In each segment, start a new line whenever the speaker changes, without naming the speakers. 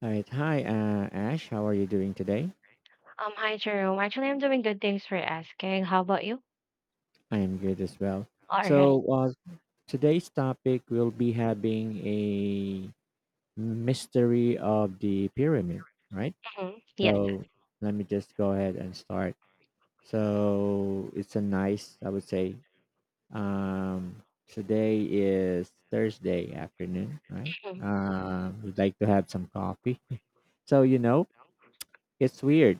All right. Hi, Ash. How are you doing today?
Hi Jerome. Actually, I'm doing good. Thanks for asking. How about you?
I am good as well.
All right.
So, uh, today's topic will be having a mystery of the pyramid, right?
Yes.
So, let me just go ahead and start. So, it's a nice, I would say, today is Thursday afternoon, right? We'd like to have some coffee. So, you know, it's weird.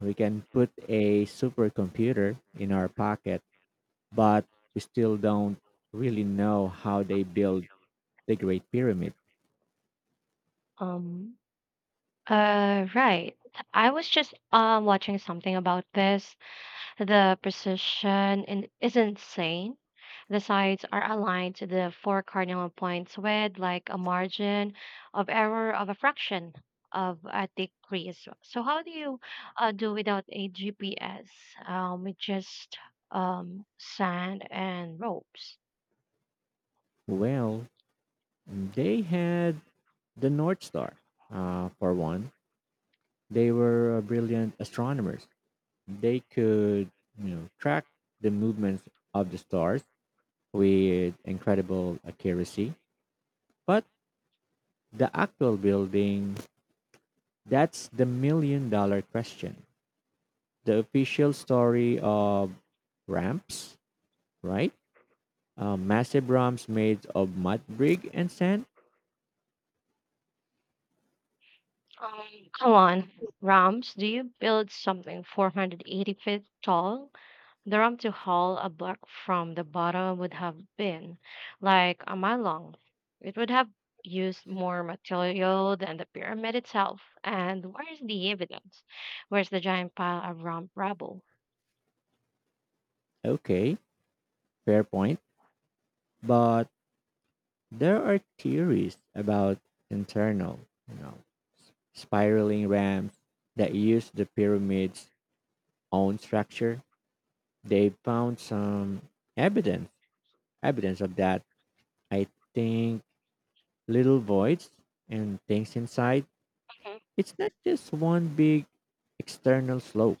We can put a supercomputer in our pocket, but we still don't really know how they built the Great Pyramid.
Um. Right. I was just watching something about this. The precision is insane. The sides are aligned to the four cardinal points with like a margin of error of a fraction of a decrease. So how do you do without a GPS? With just sand and ropes.
Well, they had the North Star, for one. They were brilliant astronomers. They could, you know, track the movements of the stars with incredible accuracy. But the actual building, that's the million-dollar question. The official story of ramps, right? Massive drums made of mud, brick, and sand?
Um, come on, Rams, do you build something 480 feet tall? The ramp to haul a block from the bottom would have been like a mile long. It would have used more material than the pyramid itself. And where's the evidence? Where's the giant pile of ramp rubble?
Okay, fair point. But there are theories about internal, you know, spiraling ramps that use the pyramid's own structure. They found some evidence, evidence of that. I think little voids and things inside. It's not just one big external slope.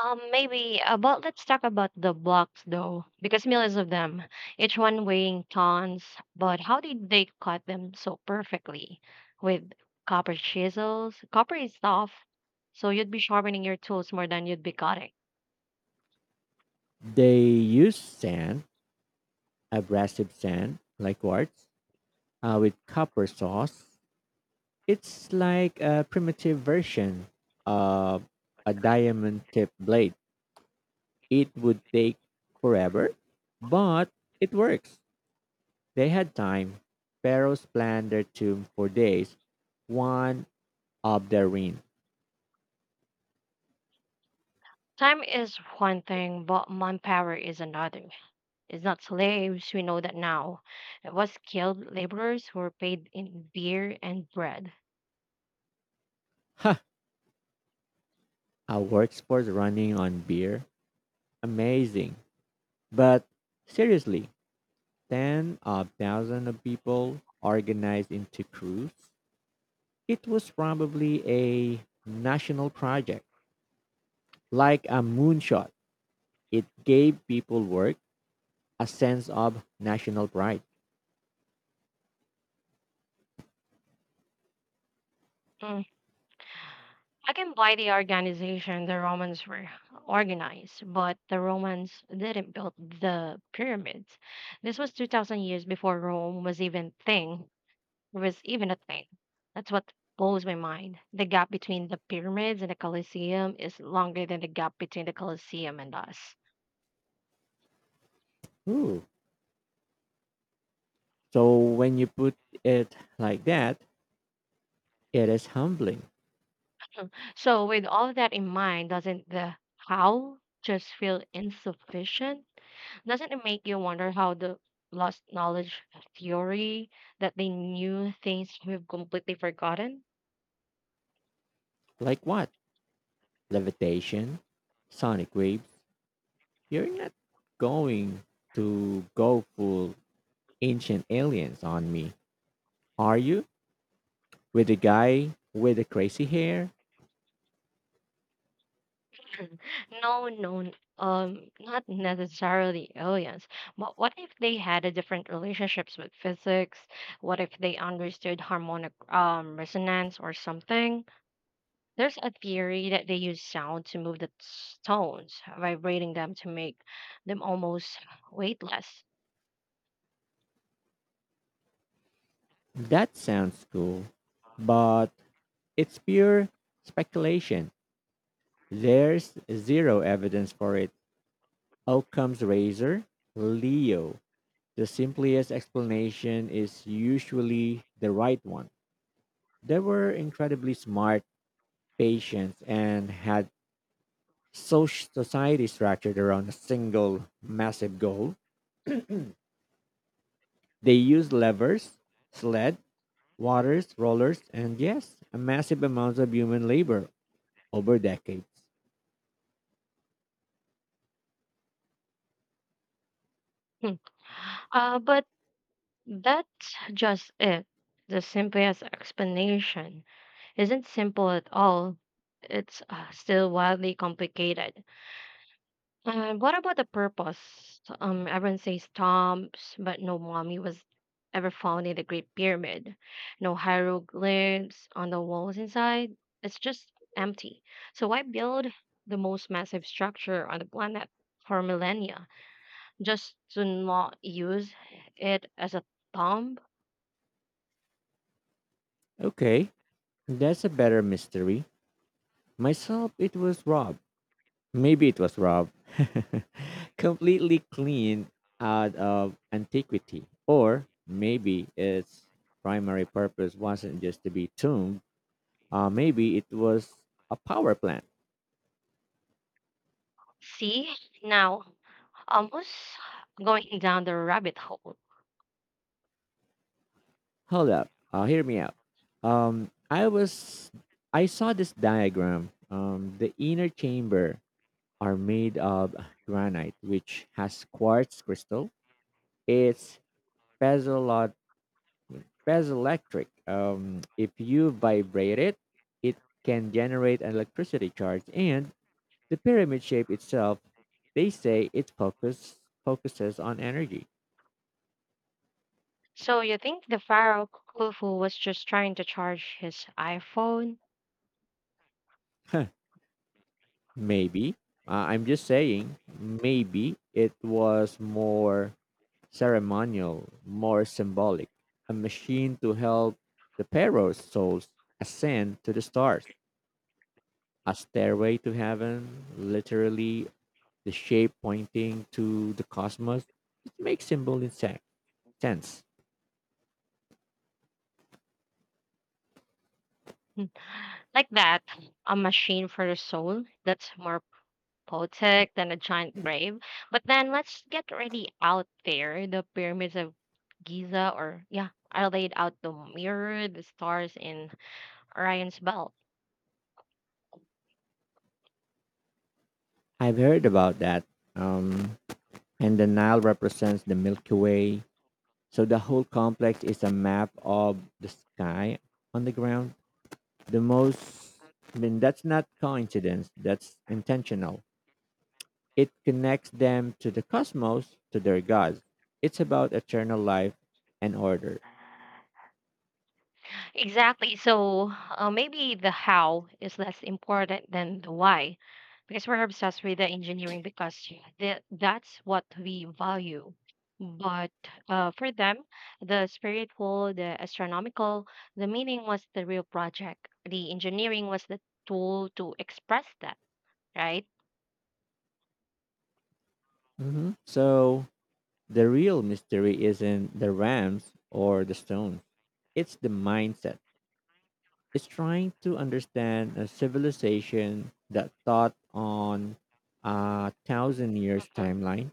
Maybe, but let's talk about the blocks though, because millions of them, each one weighing tons. But how did they cut them so perfectly? With copper chisels? Copper is tough, so you'd be sharpening your tools more than you'd be cutting.
They use sand, abrasive sand, like quartz, with copper sauce. It's like a primitive version of a diamond tipped blade. It would take forever, but it works. They had time. Pharaohs planned their tomb for days, one of their reign.
Time is one thing, but manpower is another. It's not slaves, we know that now. It was skilled laborers who were paid in beer and bread.
Ha! A workforce running on beer. Amazing. But seriously, ten of thousands of people organized into crews. It was probably a national project. Like a moonshot, it gave people work, a sense of national pride.
I can buy the organization the Romans were organized, but the Romans didn't build the pyramids. This was 2000 years before Rome was even thing, was even a thing. That's what blows my mind. The gap between the pyramids and the Colosseum is longer than the gap between the Colosseum and us.
Hmm. So when you put it like that, it is humbling.
So with all that in mind, doesn't the how just feel insufficient? Doesn't it make you wonder how the lost knowledge theory that they knew things we've completely forgotten?
Like what? Levitation, sonic waves. You're not going to go full ancient aliens on me, are you? With the guy with the crazy hair?
No, no, not necessarily aliens. But what if they had a different relationships with physics? What if they understood harmonic resonance or something? There's a theory that they use sound to move the stones, vibrating them to make them almost weightless.
That sounds cool, but it's pure speculation. There's zero evidence for it. Occam's razor, Leo. The simplest explanation is usually the right one. They were incredibly smart, patient, and had social society structured around a single massive goal. They used levers, sled, waters, rollers, and yes, a massive amount of human labor over decades.
Hmm. But that's just it. The simplest explanation isn't simple at all. It's still wildly complicated. And what about the purpose? Everyone says tombs, but no mummy was ever found in the Great Pyramid. No hieroglyphs on the walls inside. It's just empty. So why build the most massive structure on the planet for millennia just to not use it as a tomb?
Okay, that's a better mystery. Myself, it was Rob. Maybe it was Rob. Completely cleaned out of antiquity. Or maybe its primary purpose wasn't just to be tombed. Maybe it was a power plant.
See, now, almost going down the rabbit hole.
Hold up. Hear me out. Um, I was, I saw this diagram. The inner chamber are made of granite, which has quartz crystal. It's press electric. If you vibrate it, it can generate an electricity charge, and the pyramid shape itself, they say it focuses on energy.
So you think the Pharaoh Khufu was just trying to charge his iPhone?
Huh, maybe I'm just saying, maybe it was more ceremonial, more symbolic, a machine to help the Pharaoh's souls ascend to the stars, a stairway to heaven, literally the shape pointing to the cosmos. It makes symbol in sense.
Hmm. Like that, a machine for the soul that's more poetic than a giant grave. But then let's get really out there. The pyramids of Giza, or yeah, are laid out the mirror, the stars in Orion's belt.
I've heard about that. Um, and the Nile represents the Milky Way. So the whole complex is a map of the sky on the ground. The most, I mean, that's not coincidence, that's intentional. It connects them to the cosmos, to their gods. It's about eternal life and order.
Exactly. So maybe the how is less important than the why, because we're obsessed with the engineering because yeah, that's what we value. But for them, the spiritual, the astronomical, the meaning was the real project. The engineering was the tool to express that, right?
Mhm. So the real mystery isn't the rams or the stones. It's the mindset. It's trying to understand a civilization that thought on a thousand years
Mhm.
timeline,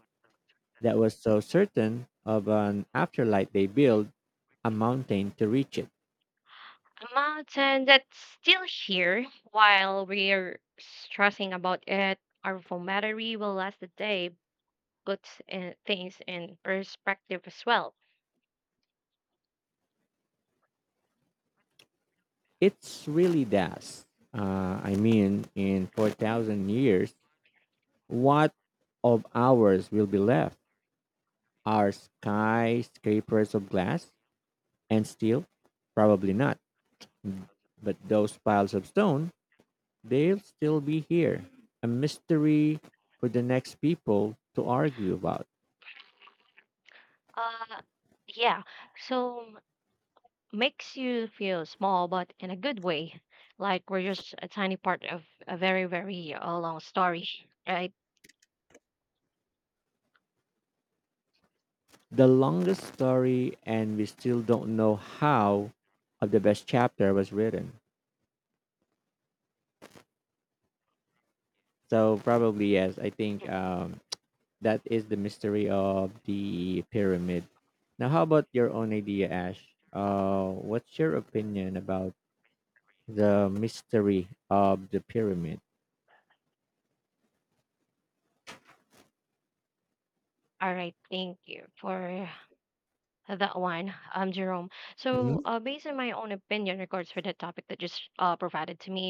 that was so certain of an afterlife they built a mountain to reach it.
A mountain that's still here while we're stressing about it. Our formattery will last the day, puts things in perspective as well.
It's really das. I mean, in 4,000 years, what of ours will be left? Are skyscrapers of glass and steel? Probably not. But those piles of stone, they'll still be here, a mystery for the next people to argue about.
Uh, yeah. So makes you feel small, but in a good way, like we're just a tiny part of a very, very long story, right?
The longest story, and we still don't know how of the best chapter was written. So probably yes, I think that is the mystery of the pyramid. Now, how about your own idea, Ash? What's your opinion about the mystery of the pyramid?
All right. Thank you for that one, Jerome. So,
Mhm.
based on my own opinion regards for the topic that just provided to me,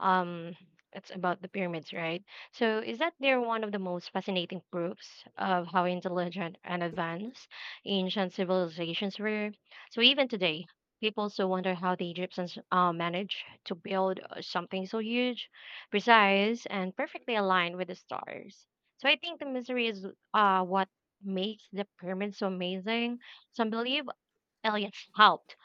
um, it's about the pyramids, right? So, is that they're one of the most fascinating proofs of how intelligent and advanced ancient civilizations were? So, even today, people still wonder how the Egyptians managed to build something so huge, precise, and perfectly aligned with the stars. So, I think the mystery is what makes the pyramids so amazing some believe aliens helped.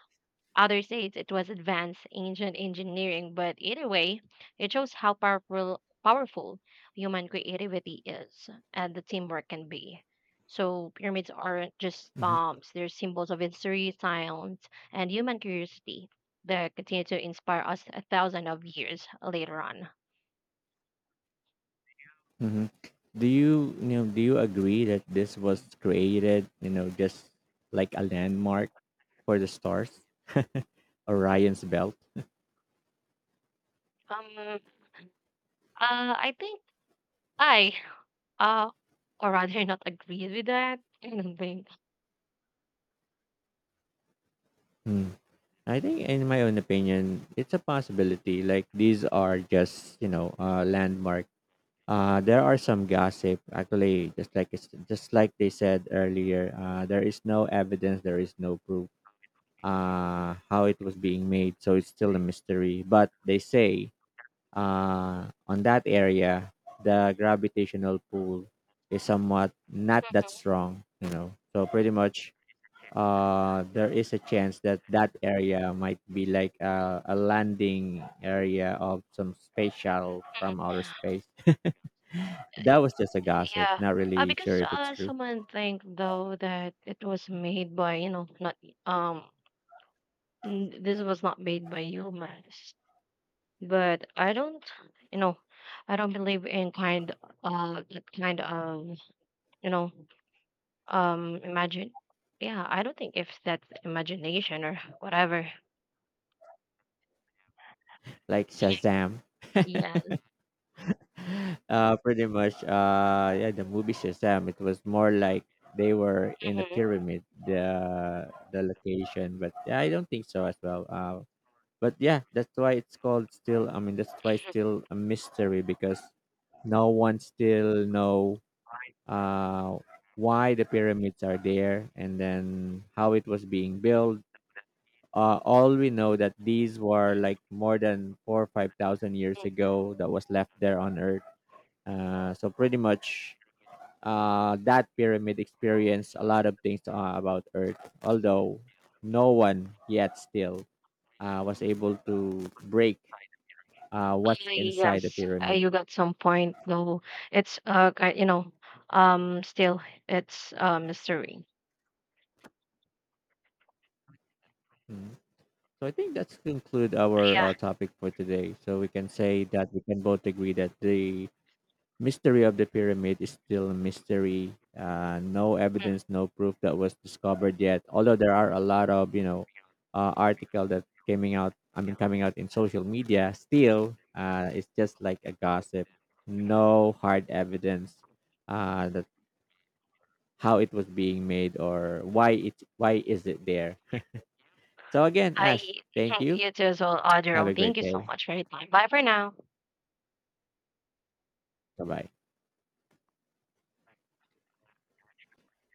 Others say it was advanced ancient engineering, but either way, it shows how powerful human creativity is and the teamwork can be. So pyramids aren't just tombs; they're symbols of history, science, and human curiosity that continue to inspire us a thousand of years later on.
Hmm. Do you, you know, do you agree that this was created, you know, just like a landmark for the stars, Orion's belt?
Um, I think I uh or rather not agree with that. I don't think.
Hmm. I think, in my own opinion, it's a possibility. Like these are just you know landmark. There are some gossip actually, just like they said earlier. There is no evidence, there is no proof. How it was being made, so it's still a mystery. But they say on that area, the gravitational pull is somewhat not that strong, you know. So pretty much, there is a chance that that area might be like a landing area of some space shuttle from outer space. That was just a gossip.
Yeah.
Not really sure
Because
if it's true.
someone think though that it was made by, you know, not um n- this was not made by humans. But I don't, you know, I don't believe in kind that kind of, you know, imagine. Yeah, I don't think if that's imagination or whatever.
Like Shazam.
Yeah.
Uh, pretty much. Yeah, the movie Shazam. It was more like they were in a
Mhm.
pyramid. The location, but yeah, I don't think so as well. But yeah, that's why it's called still. I mean, that's why it's still a mystery because no one still know uh, why the pyramids are there and then how it was being built. All we know that these were like more than 4 or 5 thousand years
Mm.
ago that was left there on Earth, so pretty much that pyramid experienced a lot of things about Earth, although no one yet still was able to break what's inside the
Yes,
pyramid.
you got some point though. You know, still it's a mystery.
Mm. So I think that's conclude our
Yeah.
topic for today. So we can say that we can both agree that the mystery of the pyramid is still a mystery. No evidence, no proof that was discovered yet. Although there are a lot of you know article that coming out. I mean, coming out in social media. Still, it's just like a gossip. No hard evidence that how it was being made or why it why is it there. So again,
I
Ash, thank
think
you.
you too as well,
Have a
thank
great
you so
day.
much for your time. Bye for now.
Bye bye.